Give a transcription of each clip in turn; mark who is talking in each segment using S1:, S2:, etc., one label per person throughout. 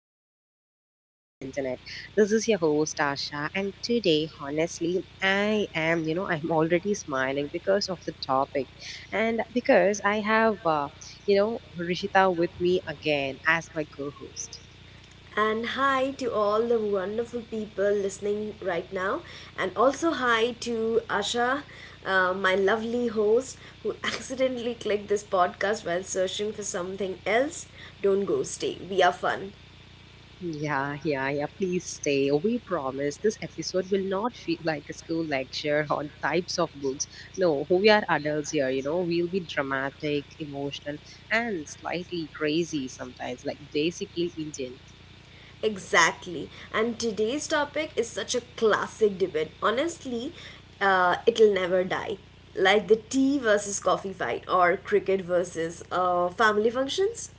S1: Little Corner on the Internet. This is your host, Asha, and today, honestly, I am, I'm already smiling because of the topic and because I have, Rishita with me again as my co host.
S2: And hi to all the wonderful people listening right now. And also hi to Asha, my lovely host, who accidentally clicked this podcast while searching for something else. Don't go, stay. We are fun.
S1: Yeah, yeah, yeah, please stay. We promise this episode will not feel like a school lecture on types of books. No, we are adults here, you know. We'll be dramatic, emotional, and slightly crazy sometimes, like basically Indian.
S2: Exactly. And today's topic is such a classic debate. Honestly, it'll never die. Like the tea versus coffee fight or cricket versus family functions.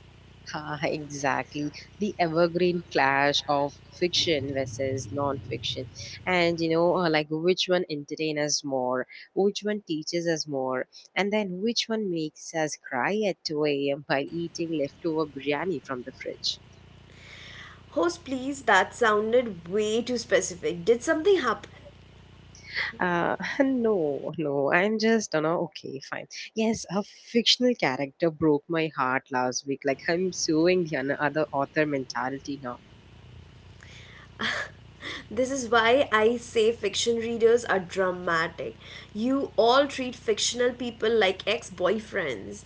S1: Ah, exactly. The evergreen clash of fiction versus non-fiction. And like which one entertains us more, which one teaches us more, and then which one makes us cry at 2 a.m. while eating leftover biryani from the fridge.
S2: Host, please, that sounded way too specific. Did something happen?
S1: No, I'm just, okay, fine. Yes, a fictional character broke my heart last week. Like, I'm suing the other author mentality now.
S2: This is why I say fiction readers are dramatic. You all treat fictional people like ex boyfriends.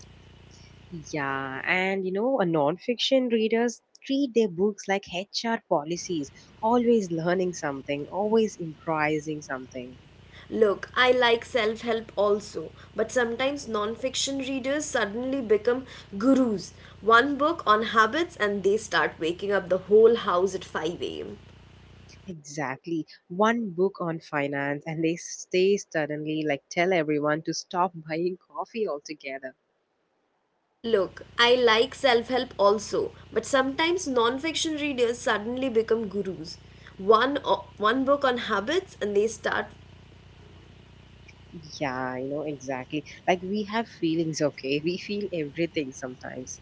S1: Yeah, and you know, a non-fiction readers treat their books like HR policies, always learning something, always improvising something.
S2: Look, I like self help also, but sometimes non fiction readers suddenly become gurus. One book on habits, and they start waking up the whole house at 5 am.
S1: Exactly. One book on finance and they stay suddenly like tell everyone to stop buying coffee altogether.
S2: Look, I like self help also, but sometimes non fiction readers suddenly become gurus. One book on habits and they start.
S1: Yeah, you know, exactly. Like we have feelings, okay? We feel everything sometimes.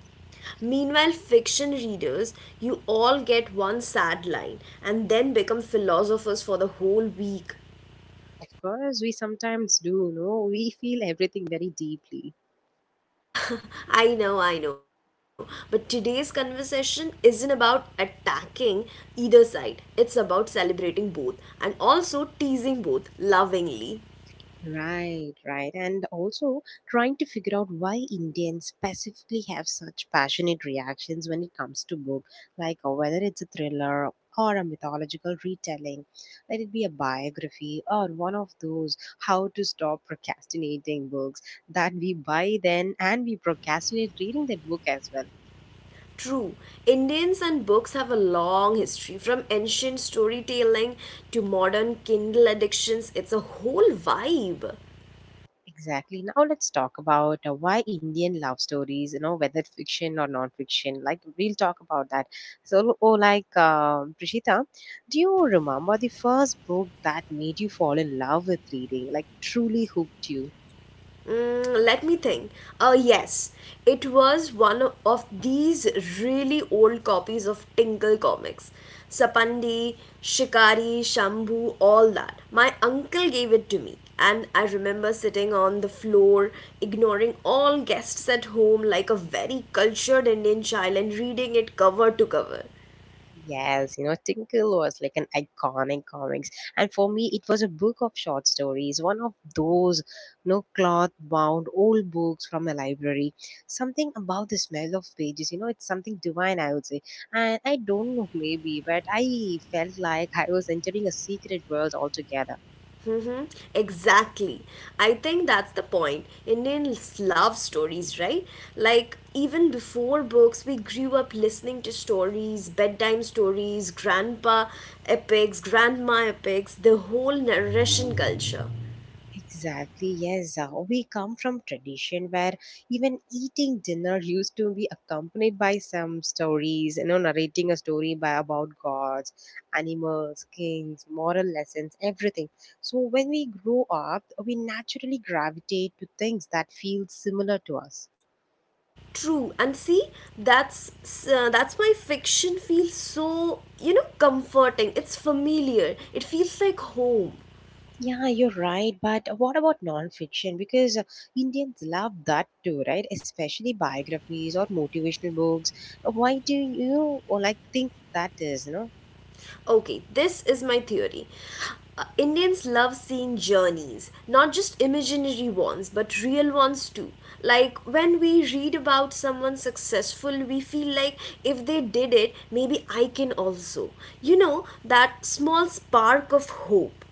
S2: Meanwhile, fiction readers, you all get one sad line and then become philosophers for the whole week.
S1: Of course, we sometimes do, you know, we feel everything very deeply.
S2: I know, but today's conversation isn't about attacking either side, it's about celebrating both and also teasing both lovingly.
S1: Right, right. And also trying to figure out why Indians specifically have such passionate reactions when it comes to book, like whether it's a thriller or a mythological retelling, let it be a biography or one of those how to stop procrastinating books that we buy then and we procrastinate reading that book as well.
S2: True, Indians and books have a long history from ancient storytelling to modern Kindle addictions. It's a whole vibe.
S1: Exactly. Now let's talk about why Indian love stories, you know, whether fiction or non-fiction. Like we'll talk about that. So, Prishita, do you remember the first book that made you fall in love with reading? Like truly hooked you?
S2: Let me think. Yes, it was one of these really old copies of Tinkle comics. Sapandi, Shikari, Shambhu, all that. My uncle gave it to me, and I remember sitting on the floor, ignoring all guests at home like a very cultured Indian child and reading it cover to cover.
S1: Yes, you know, Tinkle was like an iconic comics. And for me, it was a book of short stories, one of those, you know, cloth bound old books from the library. Something about the smell of pages, you know, it's something divine, I would say. And I don't know, maybe, but I felt like I was entering a secret world altogether.
S2: Mm-hmm. Exactly. I think that's the point. Indians love stories, right? Like, even before books, we grew up listening to stories, bedtime stories, grandpa epics, grandma epics, the whole narration culture.
S1: Exactly, yes. We come from tradition where even eating dinner used to be accompanied by some stories, you know, narrating a story by about gods, animals, kings, moral lessons, everything. So when we grow up, we naturally gravitate to things that feel similar to us.
S2: True. And see, that's that's why fiction feels so comforting. It's familiar. It feels like home.
S1: Yeah, you're right. But what about non-fiction? Because Indians love that too, right? Especially biographies or motivational books. Why do you like think that is? You know?
S2: Okay, this is my theory. Indians love seeing journeys, not just imaginary ones, but real ones too. Like when we read about someone successful, we feel like if they did it, maybe I can also. That small spark of hope.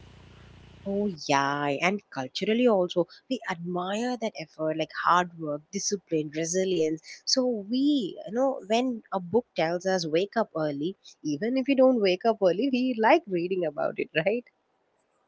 S1: Oh yeah, and culturally also we admire that effort, like hard work, discipline, resilience. So we, you know, when a book tells us wake up early, even if you don't wake up early, we like reading about it, right?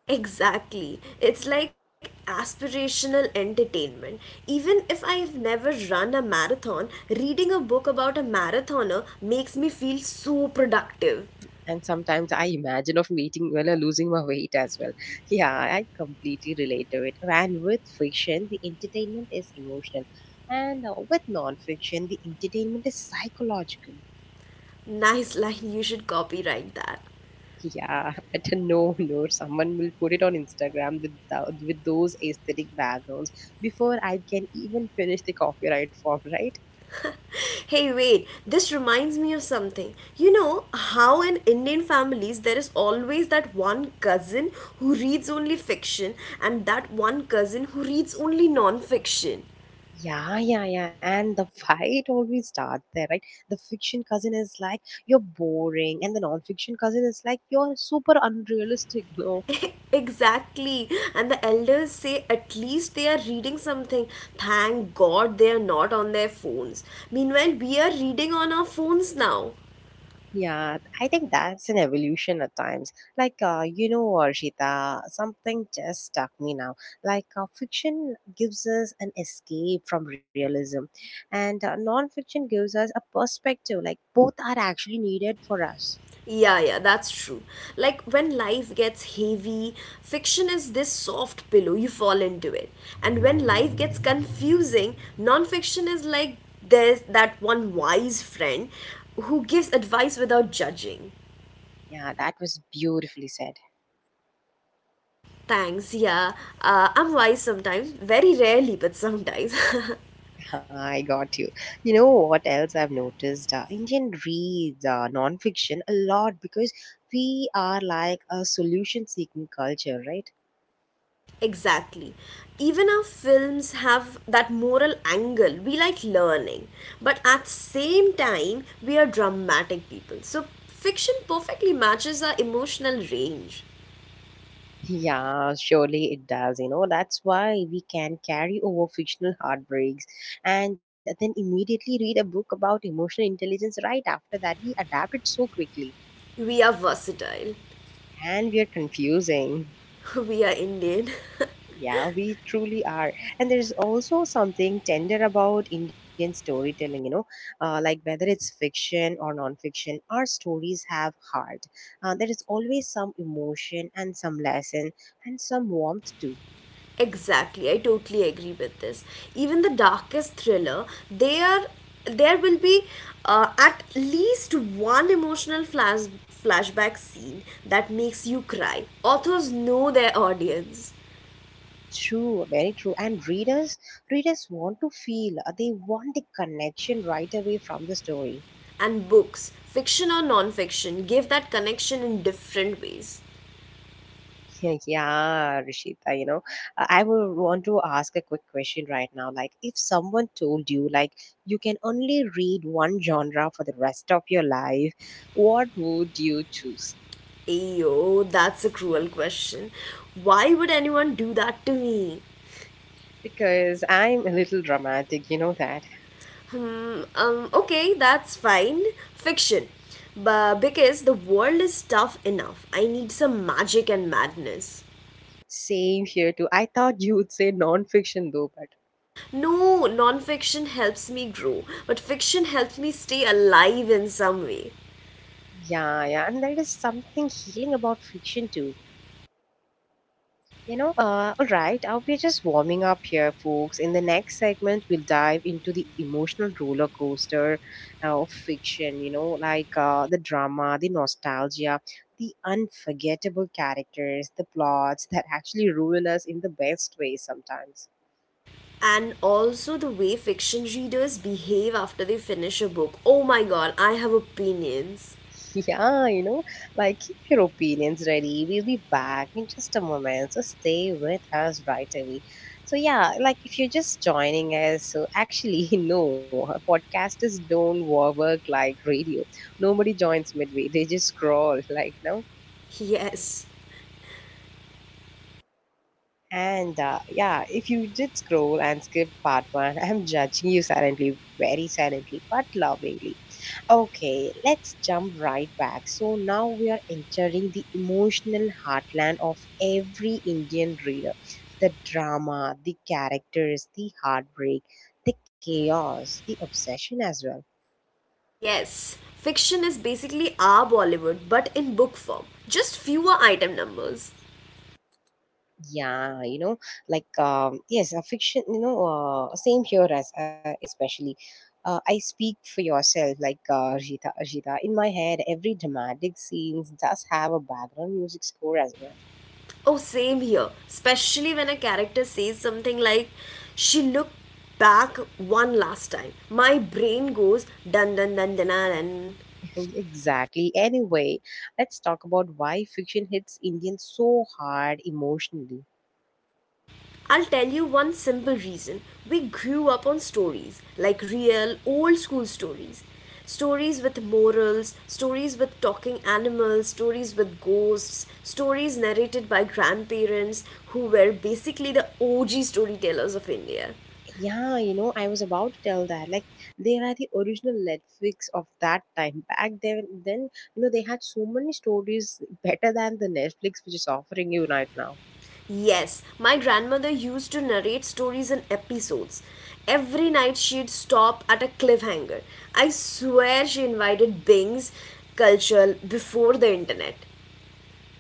S2: Exactly. It's like aspirational entertainment. Even if I've never run a marathon, reading a book about a marathoner makes me feel so productive.
S1: And sometimes I imagine of meeting well or losing my weight as well. Yeah, I completely relate to it. And with fiction, the entertainment is emotional, and with non-fiction, the entertainment is psychological.
S2: Nice line, you should copyright that.
S1: Yeah, but no, someone will put it on Instagram with with those aesthetic backgrounds before I can even finish the copyright form, right?
S2: Hey, wait, this reminds me of something. You know how in Indian families there is always that one cousin who reads only fiction and that one cousin who reads only non fiction.
S1: Yeah, yeah, yeah. And the fight always starts there, right? The fiction cousin is like, you're boring. And the non fiction cousin is like, you're super unrealistic. No,
S2: Exactly. And the elders say at least they are reading something. Thank God they are not on their phones. Meanwhile, we are reading on our phones now.
S1: yeah, I think that's an evolution at times. Like, you know, Arshita, something just stuck me now. Like, fiction gives us an escape from realism, and non-fiction gives us a perspective. Like, both are actually needed for us.
S2: Yeah, yeah, that's true. Like when life gets heavy, fiction is this soft pillow, you fall into it. And when life gets confusing, nonfiction is like there's that one wise friend who gives advice without judging.
S1: Yeah, that was beautifully said.
S2: Thanks, yeah. I'm wise sometimes, very rarely, but sometimes.
S1: I got you. You know what else I've noticed? Indian reads non-fiction a lot because we are like a solution-seeking culture, right?
S2: Exactly. Even our films have that moral angle. We like learning, but at same time we are dramatic people. So fiction perfectly matches our emotional range.
S1: Yeah, surely it does. You know, that's why we can carry over fictional heartbreaks and then immediately read a book about emotional intelligence right after that. We adapt it so quickly
S2: We are versatile.
S1: and we are confusing.
S2: We are Indian.
S1: Yeah, we truly are. And there's also something tender about Indian storytelling, you know, like whether it's fiction or non-fiction, our stories have heart. There is always some emotion and some lesson and some warmth too.
S2: Exactly. I totally agree with this. Even the darkest thriller, they are there will be, at least one emotional flashback scene that makes you cry. Authors know their audience.
S1: True, very true. And readers want to feel. They want the connection right away from the story.
S2: And books, fiction or non-fiction, give that connection in different ways.
S1: Yeah, yeah, Rishita, you know, I would want to ask a quick question right now. Like, if someone told you, like, you can only read one genre for the rest of your life, what would you choose?
S2: Ayo, that's a cruel question. Why would anyone do that to me?
S1: Because I'm a little dramatic, you know that.
S2: Okay, that's fine. Fiction. But because the world is tough enough, I need some magic and madness.
S1: Same here too. I thought you would say non-fiction though, but
S2: No, non-fiction helps me grow, but fiction helps me stay alive in some way.
S1: yeah, yeah, and there is something healing about fiction too. You know, all right, we're just warming up here, folks. In the next segment, we'll dive into the emotional roller coaster of fiction, you know, like the drama, the nostalgia, the unforgettable characters, the plots that actually ruin us in the best way sometimes.
S2: And also the way fiction readers behave after they finish a book. Oh my god, I have opinions.
S1: Yeah, you know, like keep your opinions ready. We'll be back in just a moment. So stay with us right away. So, yeah, like if you're just joining us, so actually, no, podcasters don't work like radio. Nobody joins midway, they just scroll, like, no.
S2: Yes.
S1: And yeah, if you did scroll and skip part one, I'm judging you silently, very silently, but lovingly. Okay, let's jump right back. So now we are entering the emotional heartland of every Indian reader. The drama, the characters, the heartbreak, the chaos, the obsession as well.
S2: Yes. Fiction is basically our Bollywood but in book form. Just fewer item numbers.
S1: Yeah, you know, like yes, a fiction. You know, same here as especially. I speak for yourself, like Rita. Rita, in my head, every dramatic scenes does have a background music score as well.
S2: Oh, same here. Especially when a character says something like, she looked back one last time. My brain goes dun dun dun dun dun.
S1: Exactly. Anyway, let's talk about why fiction hits Indians so hard emotionally.
S2: I'll tell you one simple reason. We grew up on stories, like real, old school stories. Stories with morals, stories with talking animals, stories with ghosts, stories narrated by grandparents who were basically the OG storytellers of India.
S1: Yeah, you know, I was about to tell that. Like, they are the original Netflix of that time. Back then, you know, they had so many stories better than the Netflix which is offering you right now.
S2: Yes, my grandmother used to narrate stories in episodes. Every night she'd stop at a cliffhanger. I swear she invited Bing's culture before the internet.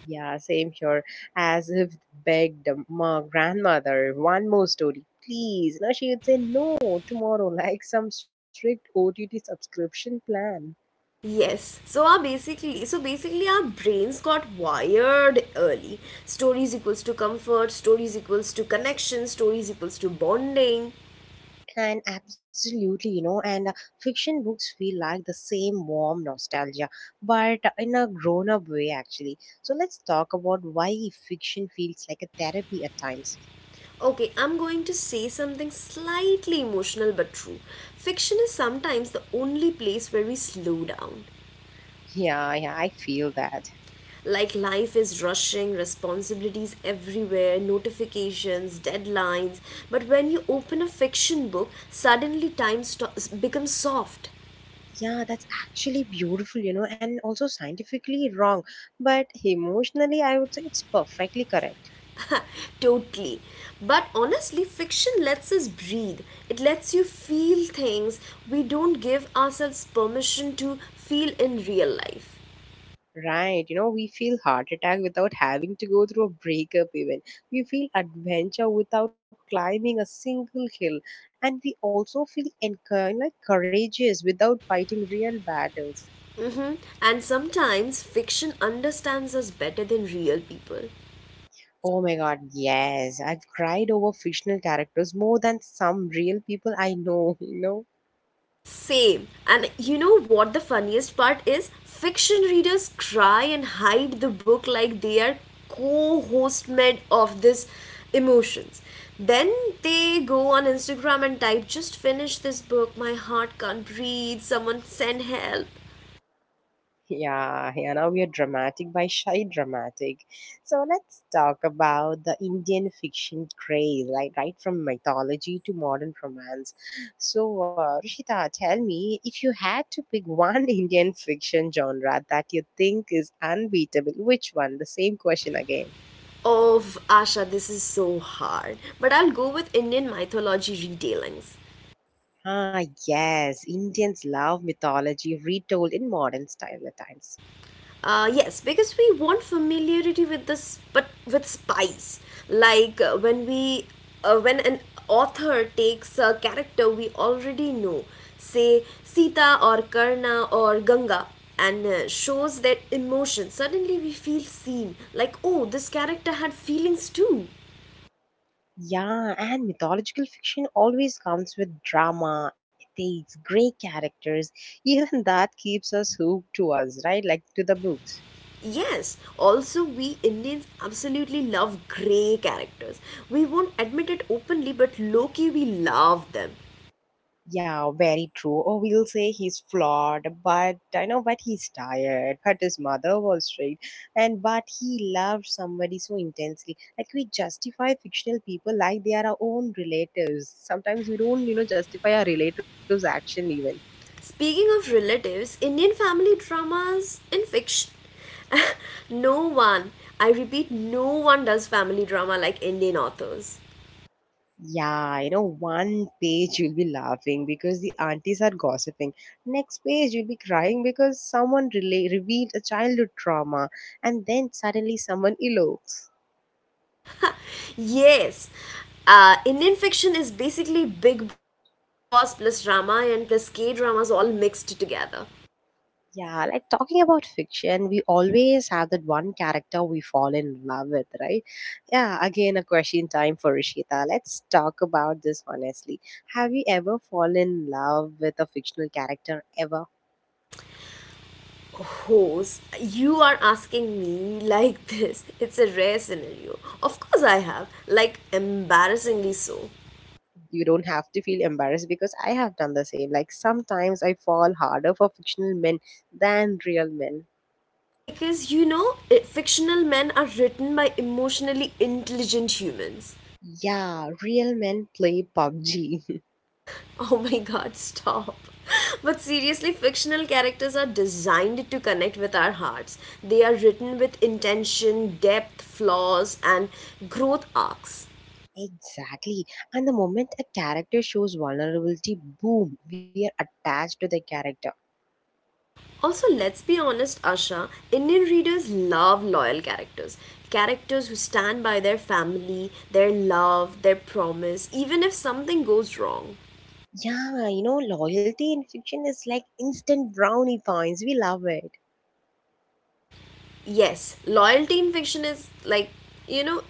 S1: Yeah, same here. As if begged my grandmother, one more story, please. Now she would say no tomorrow, like some strict OTT subscription plan.
S2: Yes. So basically our brains got wired early. Stories equals to comfort, stories equals to connection, stories equals to bonding.
S1: And absolutely, you know, and fiction books feel like the same warm nostalgia, but in a grown up way, actually. So let's talk about why fiction feels like a therapy at times.
S2: Okay, I'm going to say something slightly emotional but true. Fiction is sometimes the only place where we slow down.
S1: Yeah, yeah, I feel that.
S2: Like life is rushing, responsibilities everywhere, notifications, deadlines. But when you open a fiction book, suddenly time becomes soft.
S1: Yeah, that's actually beautiful, you know, and also scientifically wrong, but emotionally, I would say it's perfectly correct.
S2: Totally. But honestly, fiction lets us breathe. It lets you feel things we don't give ourselves permission to feel in real life.
S1: Right, you know, we feel heart attack without having to go through a breakup even. We feel adventure without climbing a single hill. And we also feel like courageous without fighting real battles.
S2: hmm And sometimes fiction understands us better than real people.
S1: Oh my god, yes. I've cried over fictional characters more than some real people I know, you know.
S2: Same. And you know what the funniest part is? Fiction readers cry and hide the book like they are co host med of this emotions. Then they go on Instagram and type, just finish this book, my heart can't breathe, someone send help.
S1: Yeah, Hannah, we are dramatic by shy dramatic. So let's talk about the Indian fiction craze, like right from mythology to modern romance. So, Rishita, tell me if you had to pick one Indian fiction genre that you think is unbeatable, which one? The same question again.
S2: Oh, Asha, this is so hard. But I'll go with Indian mythology retellings.
S1: Ah, yes, Indians love mythology retold in modern style at times.
S2: Yes, because we want familiarity with this, but with spice. Like when an author takes a character we already know, say Sita or Karna or Ganga, and shows their emotions. Suddenly, we feel seen. Like, oh, this character had feelings too.
S1: Yeah, and mythological fiction always comes with drama, ethics, great characters. Even that keeps us hooked to us, right? Like to the books.
S2: Yes, also, we Indians absolutely love grey characters. We won't admit it openly, but low key, we love them.
S1: Yeah, very true. Or we'll say he's flawed, but I know, but he's tired. But his mother was straight, and but he loved somebody so intensely. Like we justify fictional people like they are our own relatives. Sometimes we don't, you know, justify our relatives' action even.
S2: Speaking of relatives, Indian family dramas in fiction. No one, I repeat, no one does family drama like Indian authors.
S1: Yeah, you know, one page you'll be laughing because the aunties are gossiping. Next page you'll be crying because someone revealed a childhood trauma, and then suddenly someone elopes.
S2: Yes, Indian fiction is basically Big Boss plus Ramayana plus K dramas all mixed together.
S1: Yeah, like talking about fiction, we always have that one character we fall in love with, right? Yeah, again, a question time for Rishita. Let's talk about this honestly. Have you ever fallen in love with a fictional character ever?
S2: Hose, you are asking me like this. It's a rare scenario. Of course, I have, like, embarrassingly so.
S1: You don't have to feel embarrassed because I have done the same. Like sometimes I fall harder for fictional men than real men.
S2: Because you know it, fictional men are written by emotionally intelligent humans.
S1: Yeah, real men play PUBG.
S2: Oh my god, stop. But seriously, fictional characters are designed to connect with our hearts. They are written with intention, depth, flaws, and growth arcs.
S1: Exactly. And the moment a character shows vulnerability, boom, we are attached to the character.
S2: Also, let's be honest, Asha, Indian readers love loyal characters. Characters who stand by their family, their love, their promise, even if something goes wrong.
S1: Yeah, you know, loyalty in fiction is like instant brownie points. We love it.
S2: Yes, loyalty in fiction is like, you know,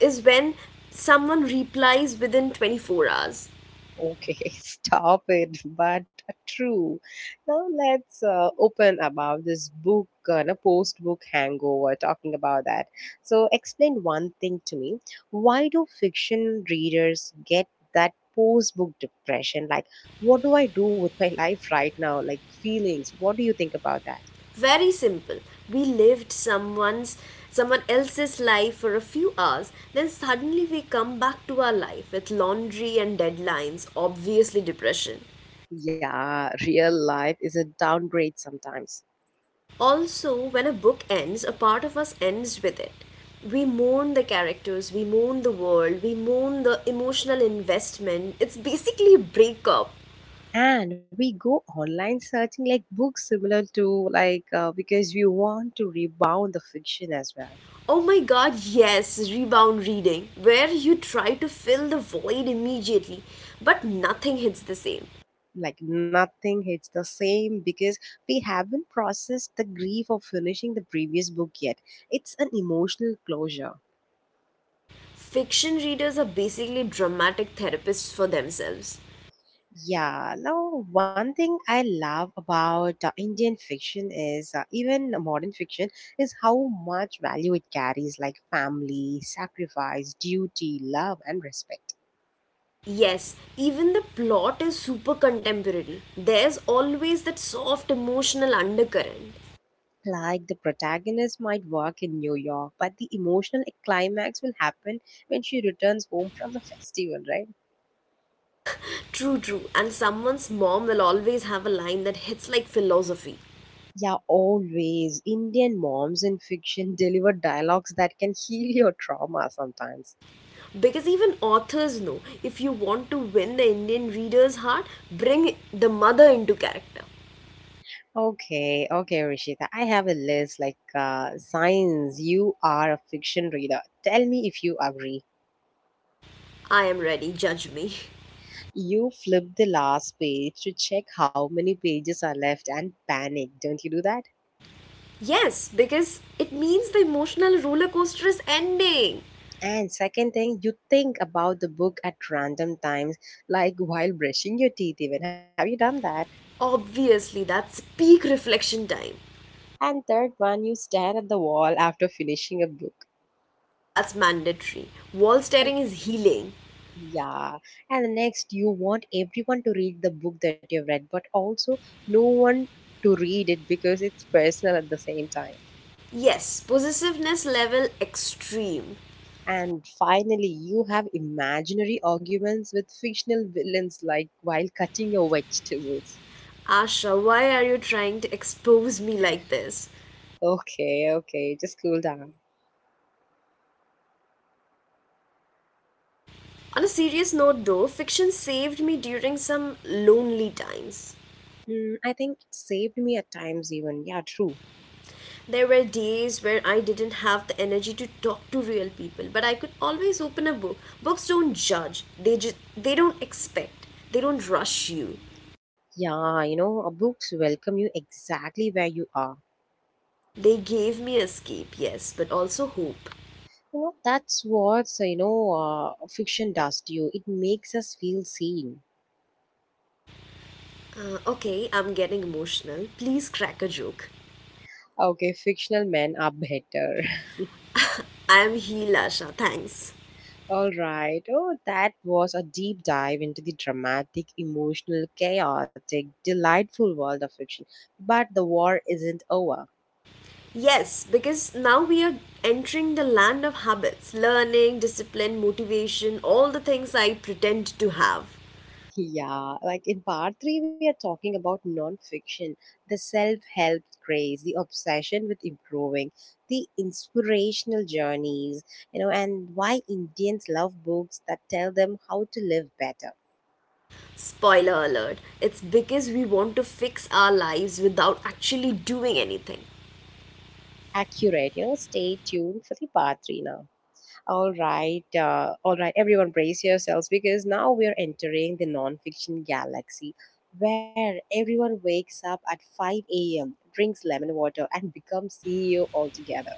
S2: is when someone replies within 24 hours.
S1: Okay, stop it. But true. Now let's open about this book, no, post-book hangover, talking about that. So explain one thing to me. Why do fiction readers get that post-book depression? Like, what do I do with my life right now? Like feelings. What do you think about that?
S2: Very simple. We lived someone else's life for a few hours, then suddenly we come back to our life with laundry and deadlines, obviously depression.
S1: Yeah, real life is a downgrade sometimes.
S2: Also, when a book ends, a part of us ends with it. We mourn the characters, we mourn the world, we mourn the emotional investment. It's basically a breakup.
S1: And we go online searching like books similar to, like, because we want to rebound the fiction as well.
S2: Oh my god, yes, rebound reading, where you try to fill the void immediately, but nothing hits the same.
S1: Like nothing hits the same because we haven't processed the grief of finishing the previous book yet. It's an emotional closure.
S2: Fiction readers are basically dramatic therapists for themselves.
S1: Yeah, now one thing I love about Indian fiction is, even modern fiction is how much value it carries, like family, sacrifice, duty, love, and respect.
S2: Yes, even the plot is super contemporary. There's always that soft emotional undercurrent.
S1: Like the protagonist might work in New York, but the emotional climax will happen when she returns home from a festival, right?
S2: True, true, and someone's mom will always have a line that hits like philosophy.
S1: Yeah, always. Indian moms in fiction deliver dialogues that can heal your trauma sometimes.
S2: Because even authors know if you want to win the Indian reader's heart, bring the mother into character.
S1: Okay, okay, Rishita. I have a list like, signs you are a fiction reader. Tell me if you agree.
S2: I am ready, judge me.
S1: You flip the last page to check how many pages are left and panic. Don't you do that?
S2: Yes, because it means the emotional roller coaster is ending.
S1: And second thing, you think about the book at random times, like while brushing your teeth, even. Have you done that?
S2: Obviously, that's peak reflection time.
S1: And third one, you stare at the wall after finishing a book.
S2: That's mandatory. Wall
S1: And
S2: staring is healing.
S1: yeah, and the next, you want everyone to read the book that you've read, but also no one to read it because it's personal at the same time.
S2: Yes, possessiveness level extreme.
S1: And finally, you have imaginary arguments with fictional villains, like while cutting your vegetables.
S2: Asha, why are you trying to expose me like this?
S1: Okay, okay, just cool down.
S2: On a serious note, though, fiction saved me during some lonely times.
S1: Hmm, I think it saved me at times, even. Yeah, true.
S2: There were days where I didn't have the energy to talk to real people, but I could always open a book. Books don't judge. They don't expect. They don't rush you.
S1: Yeah, you know, books welcome you exactly where you are.
S2: They gave me escape, yes, but also hope.
S1: You know, that's what so, you know, fiction does to you. It makes us feel seen.
S2: Okay, I'm getting emotional. Please crack a joke.
S1: Okay, fictional men are better.
S2: I am healed, Asha. Thanks.
S1: All right. Oh, that was a deep dive into the dramatic, emotional, chaotic, delightful world of fiction. But the war isn't over.
S2: Yes, because now we are entering the land of habits, learning, discipline, motivation, all the things I pretend to have.
S1: Yeah, like in part three, we are talking about nonfiction, the self help craze, the obsession with improving, the inspirational journeys, you know, and why Indians love books that tell them how to live better.
S2: Spoiler alert, it's because we want to fix our lives without actually doing anything.
S1: Accurate, you know, stay tuned for the part three now. All right, everyone, brace yourselves because now we are entering the nonfiction galaxy where everyone wakes up at 5 a.m., drinks lemon water, and becomes CEO altogether.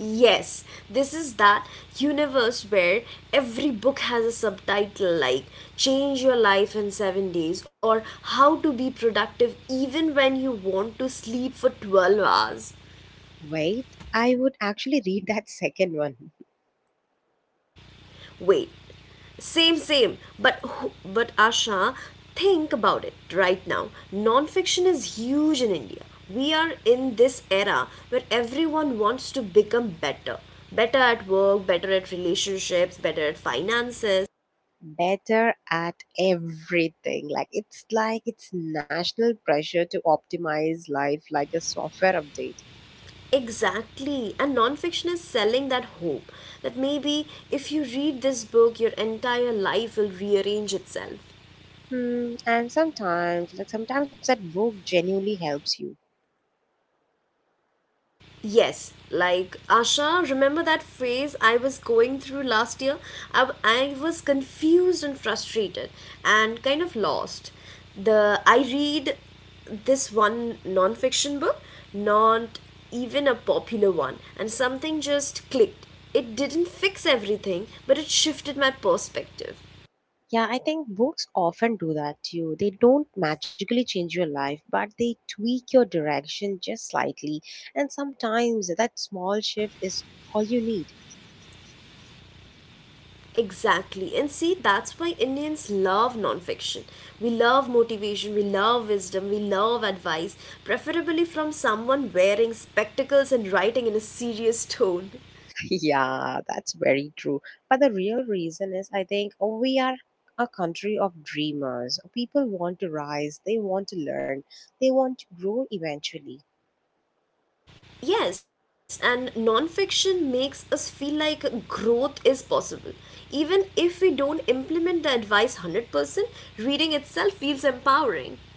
S2: Yes, this is that universe where every book has a subtitle like Change Your Life in 7 Days or How to Be Productive Even When You Want to Sleep for 12 Hours.
S1: Wait, I would actually read that second one.
S2: Wait, same, same. But Asha, think about it right now. Non-fiction is huge in India. We are in this era where everyone wants to become better, better at work, better at relationships, better at finances.
S1: Better at everything. Like it's national pressure to optimize life like a software update.
S2: Exactly. And non-fiction is selling that hope that maybe if you read this book, your entire life will rearrange itself.
S1: Hmm, and sometimes, that book genuinely helps you.
S2: Yes, like Asha, remember that phase I was going through last year? I was confused and frustrated and kind of lost. The I read this one non-fiction book, not even a popular one, and something just clicked. It didn't fix everything, but it shifted my perspective.
S1: Yeah, I think books often do that too. They don't magically change your life, but they tweak your direction just slightly. And sometimes that small shift is all you need.
S2: Exactly. And see, that's why Indians love nonfiction. We love motivation, we love wisdom, we love advice, preferably from someone wearing spectacles and writing in a serious tone.
S1: Yeah, that's very true. But the real reason is, I think, oh, we are a country of dreamers. People want to rise, they want to learn, they want to grow eventually.
S2: Yes, and nonfiction makes us feel like growth is possible. Even if we don't implement the advice 100%, reading itself feels empowering.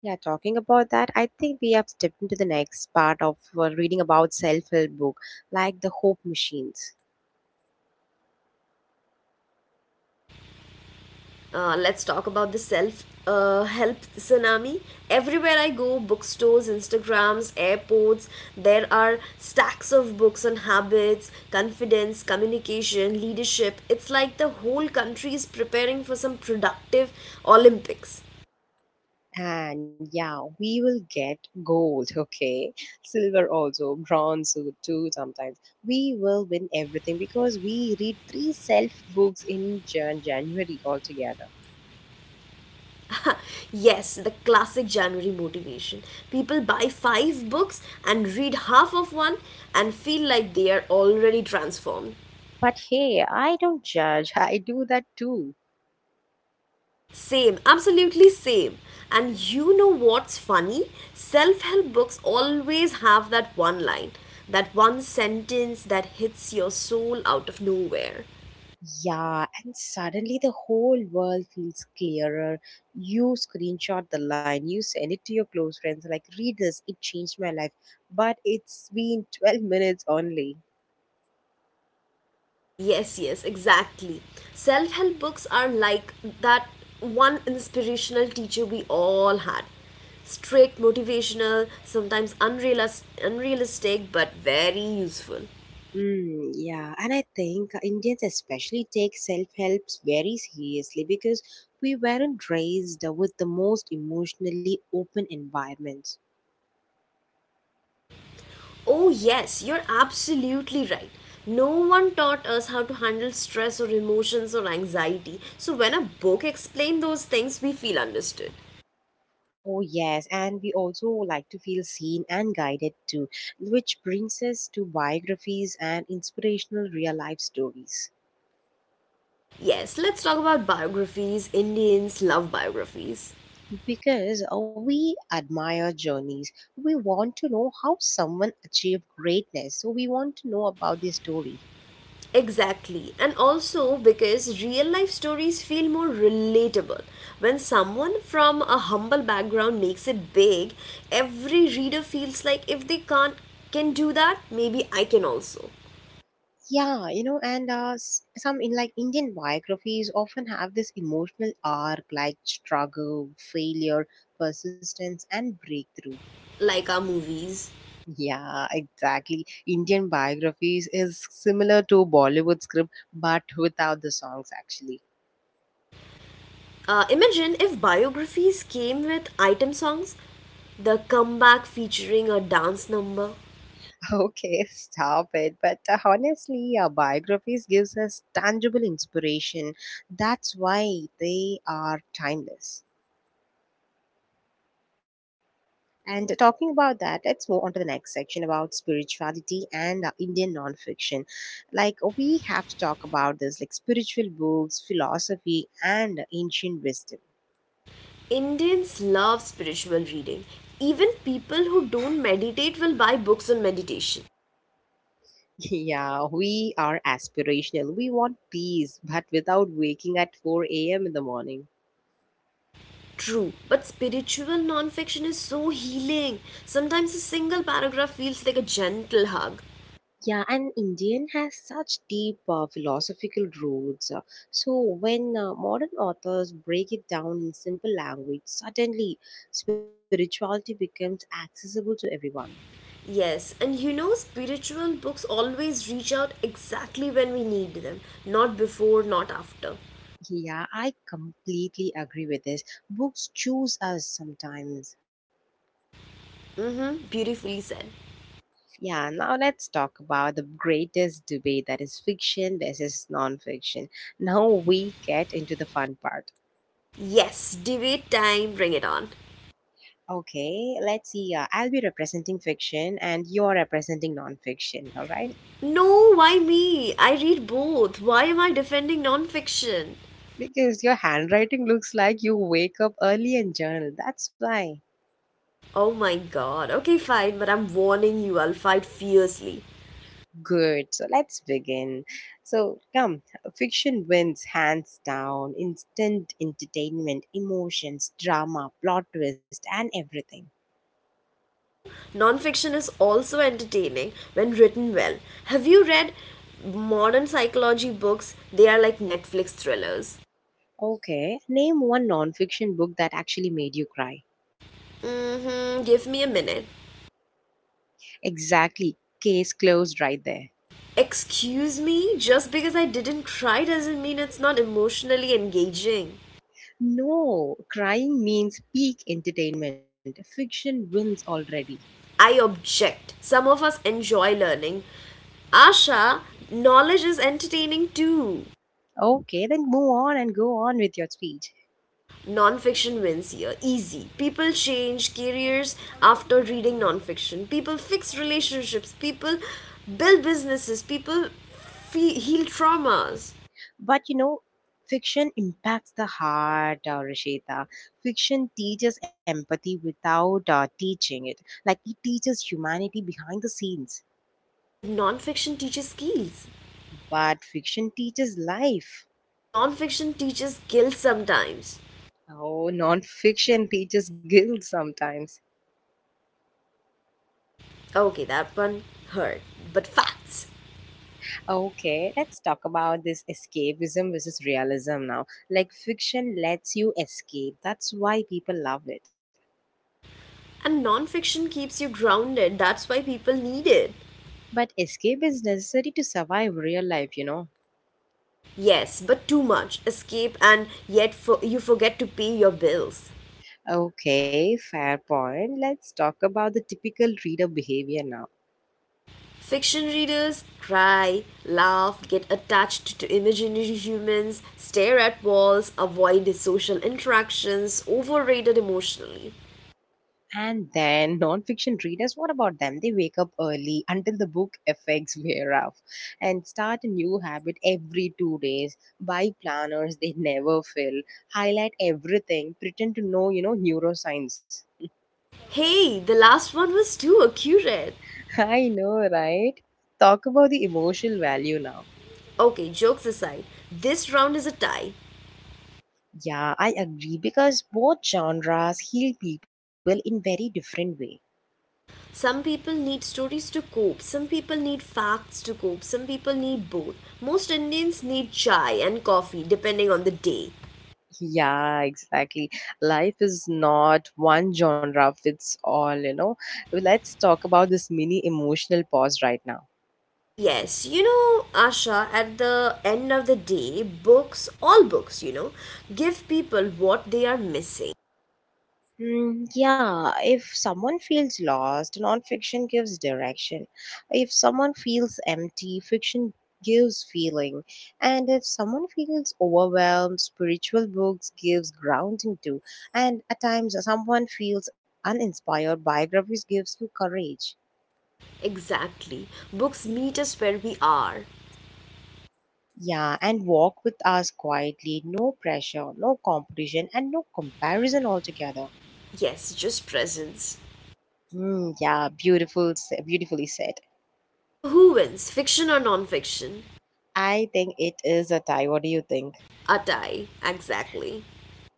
S1: Yeah, talking about that, I think we have stepped into the next part of reading about self-help book, like the hope machines.
S2: Let's talk about the self help tsunami. Everywhere I go, bookstores, Instagrams, airports, there are stacks of books on habits, confidence, communication, leadership. It's like the whole country is preparing for some productive Olympics.
S1: And yeah, we will get gold, okay? Silver also, bronze too sometimes. We will win everything because we read three self books in January altogether.
S2: Yes, the classic January motivation. People buy five books and read half of one and feel like they are already transformed.
S1: But hey, I don't judge. I do that too.
S2: Same, absolutely same. And you know what's funny? Self help books always have that one line, that one sentence that hits your soul out of nowhere.
S1: Yeah, and suddenly the whole world feels clearer. You screenshot the line, you send it to your close friends, like, read this, it changed my life. But it's been 12 minutes only.
S2: Yes, yes, exactly. Self help books are like that one inspirational teacher we all had. Strict, motivational, sometimes unrealistic, but very useful.
S1: Mm, yeah, and I think Indians especially take self helps very seriously because we weren't raised with the most emotionally open environments.
S2: Oh, yes, you're absolutely right. No one taught us how to handle stress or emotions or anxiety. So, when a book explained those things, we feel understood.
S1: Oh, yes. And we also like to feel seen and guided too, which brings us to biographies and inspirational real life stories.
S2: Yes, let's talk about biographies. Indians love biographies.
S1: Because we admire journeys, we want to know how someone achieved greatness. So we want to know about their story.
S2: Exactly. And also because real life stories feel more relatable. When someone from a humble background makes it big, every reader feels like if they can't can do that, maybe I can also.
S1: Yeah, you know, and some in like Indian biographies often have this emotional arc like struggle, failure, persistence, and breakthrough.
S2: Like our movies.
S1: Yeah, exactly. Indian biographies is similar to Bollywood script, but without the songs. Actually,
S2: Imagine if biographies came with item songs, the comeback featuring a dance number.
S1: okay, stop it. But honestly, biographies gives us tangible inspiration. That's why they are timeless. And talking about that, let's move on to the next section about spirituality and, Indian non-fiction. Like we have to talk about this, like spiritual books, philosophy, and ancient wisdom.
S2: Indians love spiritual reading. Even people who don't meditate will buy books on meditation.
S1: Yeah, we are aspirational. We want peace, but without waking at 4 a.m. in the morning.
S2: True, but spiritual non-fiction is so healing. Sometimes a single paragraph feels like a gentle hug.
S1: Yeah, and Indian has such deep philosophical roots. So when modern authors break it down in simple language, suddenly spirituality becomes accessible to everyone.
S2: Yes, and you know, spiritual books always reach out exactly when we need them, not before, not after.
S1: Yeah, I completely agree with this. Books choose us sometimes.
S2: Mm-hmm, beautifully said.
S1: Yeah, now let's talk about the greatest debate that is fiction versus non-fiction. Now we get into the fun part.
S2: Yes, debate time, bring it on.
S1: Okay, let's see. I'll be representing fiction and you're representing non-fiction, all right?
S2: No, why me? I read both. Why am I defending nonfiction?
S1: Because your handwriting looks like you wake up early and journal. That's why.
S2: Oh my god. Okay, fine, but I'm warning you, I'll fight fiercely.
S1: Good. So let's begin. So, come. Fiction wins hands down. Instant entertainment, emotions, drama, plot twist, and everything.
S2: Hello? Nonfiction is also entertaining when written well. Have you read modern psychology books? They are like Netflix thrillers.
S1: Okay, name one nonfiction book that actually made you cry.
S2: Mm-hmm, give me a minute.
S1: Exactly, case closed right there.
S2: Excuse me? Just because I didn't cry doesn't mean it's not emotionally engaging.
S1: No, crying means peak entertainment. Fiction wins already.
S2: I object. Some of us enjoy learning. Asha, knowledge is entertaining too.
S1: Okay, then move on and go on with your speech.
S2: Non-fiction wins here, easy. People change careers after reading non-fiction. People fix relationships. People build businesses. People heal traumas.
S1: But you know, fiction impacts the heart, Rashita. Fiction teaches empathy without teaching it. Like it teaches humanity behind the scenes.
S2: But non-fiction teaches skills.
S1: But fiction teaches life.
S2: Non-fiction teaches guilt sometimes.
S1: Oh, nonfiction teaches guilt sometimes.
S2: Okay, that one hurt. But facts.
S1: Okay, let's talk about this escapism versus realism now. Like, fiction lets you escape, that's why people love it.
S2: And non-fiction keeps you grounded. That's why people need it.
S1: But escape is necessary to survive real life, you know.
S2: Yes, but too much. Escape and yet for, you forget to pay your bills.
S1: Okay, fair point. Let's talk about the typical reader behavior now.
S2: Fiction readers cry, laugh, get attached to imaginary humans, stare at walls, avoid social interactions, overrated emotionally.
S1: And then non-fiction readers, what about them? They wake up early until the book effects wear off and start a new habit every 2 days. Buy planners they never fill. Highlight everything. Pretend to know, you know, neuroscience.
S2: Hey, the last one was too accurate.
S1: I know, right? Talk about the emotional value now.
S2: Okay, jokes aside, this round is a tie.
S1: Yeah, I agree because both genres heal people in very different way.
S2: Some people need stories to cope, some people need facts to cope, some people need both. Most Indians need chai and coffee depending on the day.
S1: Yeah, exactly. Life is not one genre fits all, you know. Let's talk about this mini emotional pause right now.
S2: Yes, you know, Asha, at the end of the day, books, all books, you know, give people what they are missing.
S1: Hmm, yeah, if someone feels lost, nonfiction gives direction. If someone feels empty, fiction gives feeling. And if someone feels overwhelmed, spiritual books gives grounding too. And at times someone feels uninspired, biographies gives you courage.
S2: Exactly. Books meet us where we are.
S1: Yeah, and walk with us quietly. No pressure, no competition, and no comparison altogether.
S2: Yes, just presence.
S1: Mm, yeah, beautiful, beautifully said.
S2: So who wins, fiction or non-fiction?
S1: I think it is a tie. What do you think?
S2: A tie, exactly.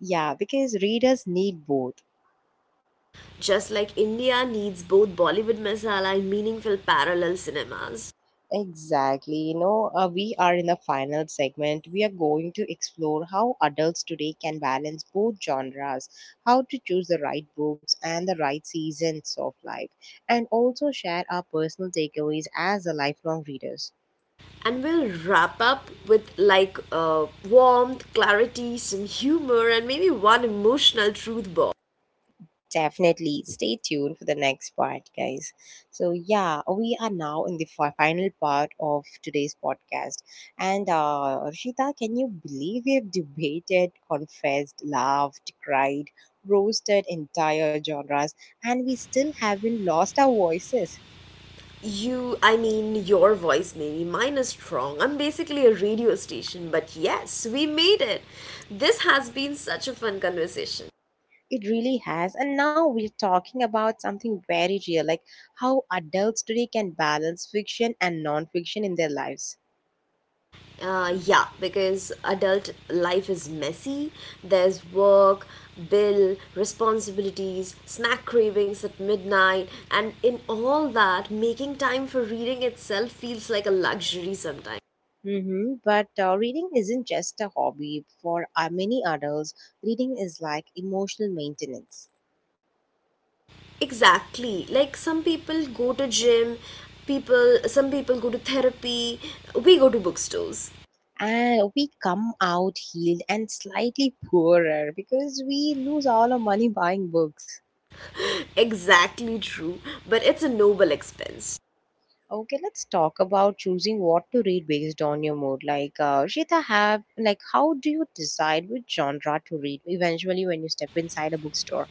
S1: Yeah, because readers need both.
S2: Just like India needs both Bollywood masala and meaningful parallel cinemas.
S1: Exactly. You know, we are in the final segment. We are going to explore how adults today can balance both genres, how to choose the right books and the right seasons of life, and also share our personal takeaways as the lifelong readers.
S2: And we'll wrap up with like warmth, clarity, some humor, and maybe one emotional truth bomb.
S1: Definitely stay tuned for the next part, guys. So, yeah, we are now in the final part of today's podcast. And, Rishita, can you believe we have debated, confessed, laughed, cried, roasted entire genres, and we still haven't lost our voices?
S2: You, I mean, your voice maybe. Mine is strong. I'm basically a radio station, but yes, we made it. This has been such a fun conversation.
S1: It really has. And now we're talking about something very real, like how adults today can balance fiction and non fiction in their lives.
S2: Yeah, because adult life is messy. There's work, bill, responsibilities, snack cravings at midnight, and in all that, making time for reading itself feels like a luxury sometimes.
S1: Hmm, but reading isn't just a hobby. For many adults, reading is like emotional maintenance.
S2: Exactly. Like some people go to gym, people some people go to therapy, we go to bookstores.
S1: And we come out healed and slightly poorer because we lose all our money buying books.
S2: Exactly true, but it's a noble expense.
S1: Okay, let's talk about choosing what to read based on your mood. Like, Shita, how do you decide which genre to read eventually when you step inside a bookstore?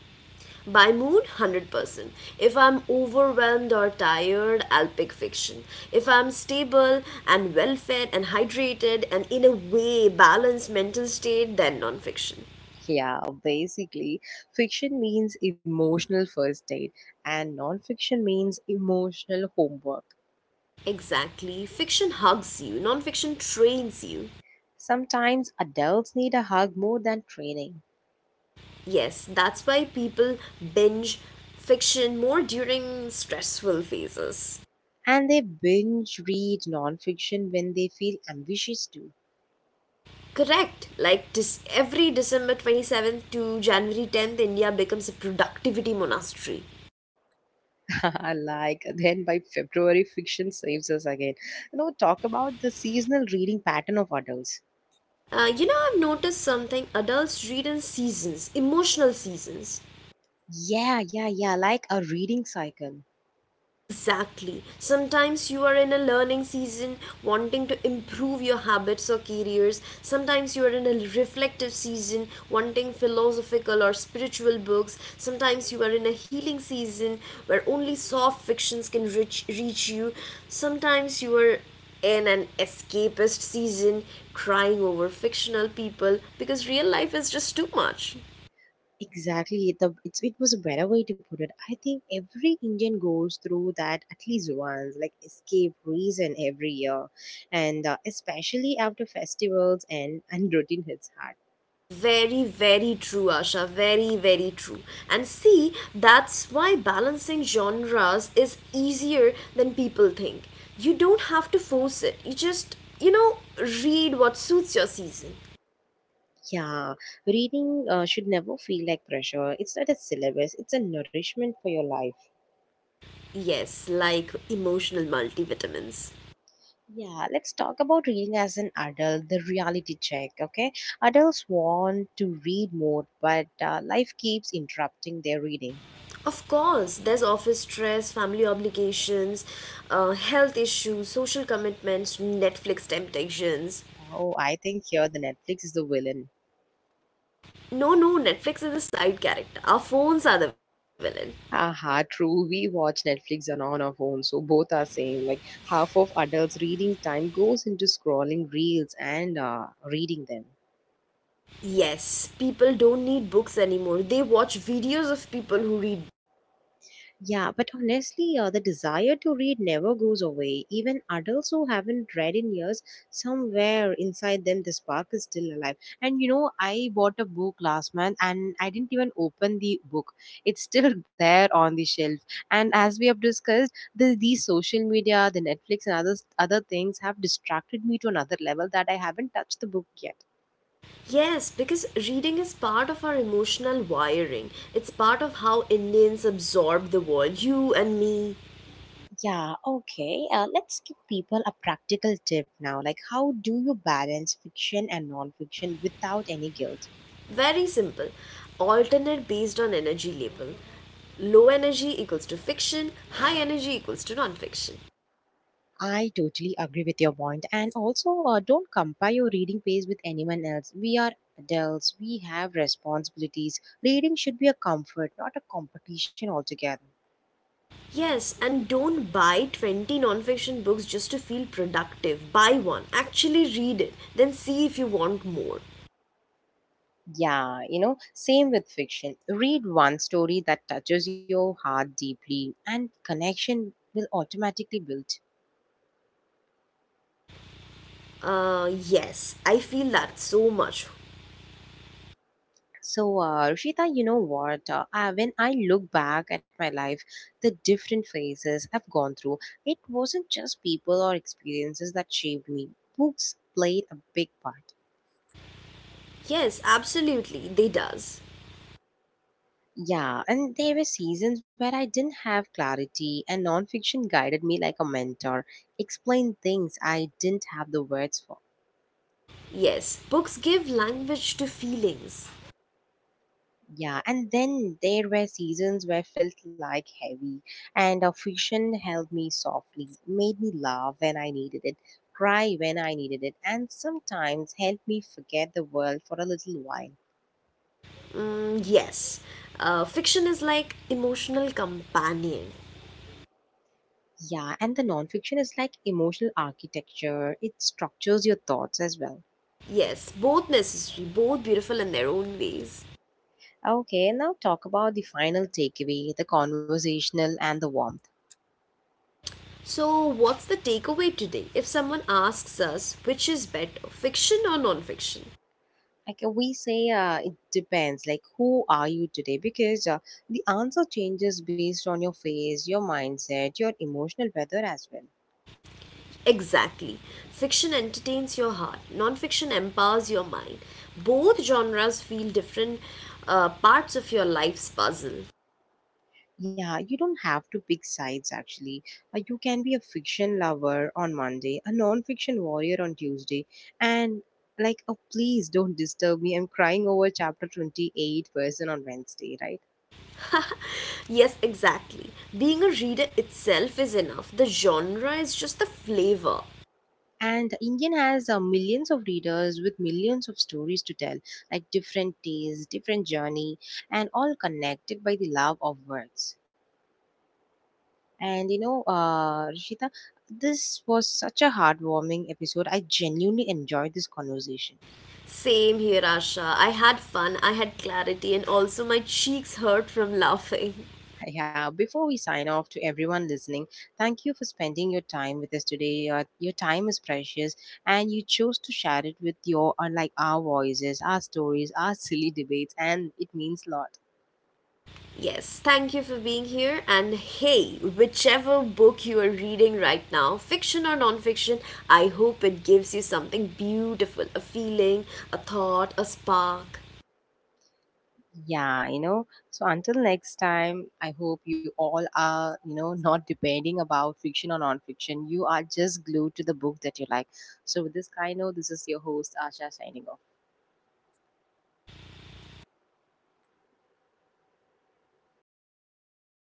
S2: By mood, 100%. If I'm overwhelmed or tired, I'll pick fiction. If I'm stable and well fed and hydrated and in a way balanced mental state, then nonfiction.
S1: Yeah, basically, fiction means emotional first date, and nonfiction means emotional homework.
S2: Exactly. Fiction hugs you, nonfiction trains you.
S1: Sometimes adults need a hug more than training,
S2: Yes, that's why people binge fiction more during stressful phases.
S1: and they binge read nonfiction when they feel ambitious too.
S2: Correct. Like every December 27th to January 10th, India becomes a productivity monastery.
S1: Like, then by February, fiction saves us again. You know, talk about the seasonal reading pattern of adults.
S2: You know, I've noticed something adults read in seasons, emotional seasons.
S1: Yeah, yeah, yeah, like a reading cycle.
S2: Exactly. Sometimes you are in a learning season wanting to improve your habits or careers. Sometimes you are in a reflective season wanting philosophical or spiritual books. Sometimes you are in a healing season where only soft fictions can reach you. Sometimes you are in an escapist season crying over fictional people because real life is just too much.
S1: Exactly. It was a better way to put it. I think every Indian goes through that at least once, like escape reason every year, and especially after festivals and routine hits hard.
S2: Very, very true, Asha. Very, very true. And see, that's why balancing genres is easier than people think. You don't have to force it, you just, you know, read what suits your season.
S1: Yeah, reading should never feel like pressure. It's not a syllabus. It's a nourishment for your life.
S2: Yes, like emotional multivitamins.
S1: Yeah, let's talk about reading as an adult. The reality check. Okay, adults want to read more, but life keeps interrupting their reading.
S2: Of course, there's office stress, family obligations, health issues, social commitments, Netflix temptations.
S1: Oh, I think here the Netflix is the villain.
S2: No, no, Netflix is a side character. Our phones are the villain.
S1: Aha, true. We watch Netflix and on our phone, so both are same. Like half of adults' reading time goes into scrolling reels and reading them.
S2: Yes, people don't need books anymore. They watch videos of people who read.
S1: Yeah, but honestly, the desire to read never goes away. Even adults who haven't read in years, somewhere inside them, the spark is still alive. And you know, I bought a book last month and I didn't even open the book. It's still there on the shelf. And as we have discussed, the social media, the Netflix, and other things have distracted me to another level that I haven't touched the book yet.
S2: Yes, because reading is part of our emotional wiring. It's part of how Indians absorb the world, you and me.
S1: Yeah, okay. Let's give people a practical tip now. Like, how do you balance fiction and non-fiction without any guilt?
S2: Very simple. Alternate based on energy label. Low energy equals to fiction, high energy equals to non-fiction.
S1: I totally agree with your point. And also, don't compare your reading pace with anyone else. We are adults, we have responsibilities. Reading should be a comfort, not a competition altogether.
S2: Yes, and don't buy 20 non-fiction books just to feel productive. Buy one. Actually read it, then see if you want more.
S1: Yeah, you know, same with fiction. Read one story that touches your heart deeply, and connection will automatically build.
S2: Yes, I feel that so much.
S1: So, Rushita, you know what? When I look back at my life, the different phases I've gone through, it wasn't just people or experiences that shaped me. Books played a big part.
S2: Yes, absolutely, they does.
S1: Yeah, and there were seasons where I didn't have clarity, and nonfiction guided me like a mentor, explained things I didn't have the words for.
S2: Yes, books give language to feelings.
S1: Yeah, and then there were seasons where felt like heavy, and a fiction held me softly, made me laugh when I needed it, cry when I needed it, and sometimes helped me forget the world for a little while.
S2: Mm, yes, fiction is like emotional companion.
S1: Yeah, and the nonfiction is like emotional architecture, it structures your thoughts as well.
S2: Yes, both necessary, both beautiful in their own ways.
S1: Okay, now talk about the final takeaway the conversational and the warmth.
S2: So, what's the takeaway today? If someone asks us which is better, fiction or non-fiction,
S1: Like, we say, it depends, like who are you today, because, the answer changes based on your phase, your mindset, your emotional weather as well.
S2: exactly. Fiction entertains your heart, non-fiction empowers your mind. Both genres feel different parts of your life's puzzle.
S1: Yeah, you don't have to pick sides actually. You can be a fiction lover on Monday, a non-fiction warrior on Tuesday, and like, oh, please don't disturb me, I'm crying over chapter 28 person on Wednesday, right?
S2: Yes, exactly. Being a reader itself is enough. The genre is just the flavor.
S1: And Indian has millions of readers with millions of stories to tell, like different tastes, different journey, and all connected by the love of words. And you know, Rishita, this was such a heartwarming episode. I genuinely enjoyed this conversation.
S2: Same here, Asha. I had fun, I had clarity, and also my cheeks hurt from laughing.
S1: Yeah, before we sign off to everyone listening, thank you for spending your time with us today. Your time is precious, and you chose to share it with your, unlike our voices, our stories, our silly debates, and it means a lot.
S2: Yes, thank you for being here. And hey, whichever book you are reading right now, fiction or non-fiction, I hope it gives you something beautiful, a feeling, a thought, a spark.
S1: Yeah, you know, so until next time, I hope you all are, you know, not depending about fiction or non-fiction. You are just glued to the book that you like. So with this kind of, this is your host, Asha, signing off.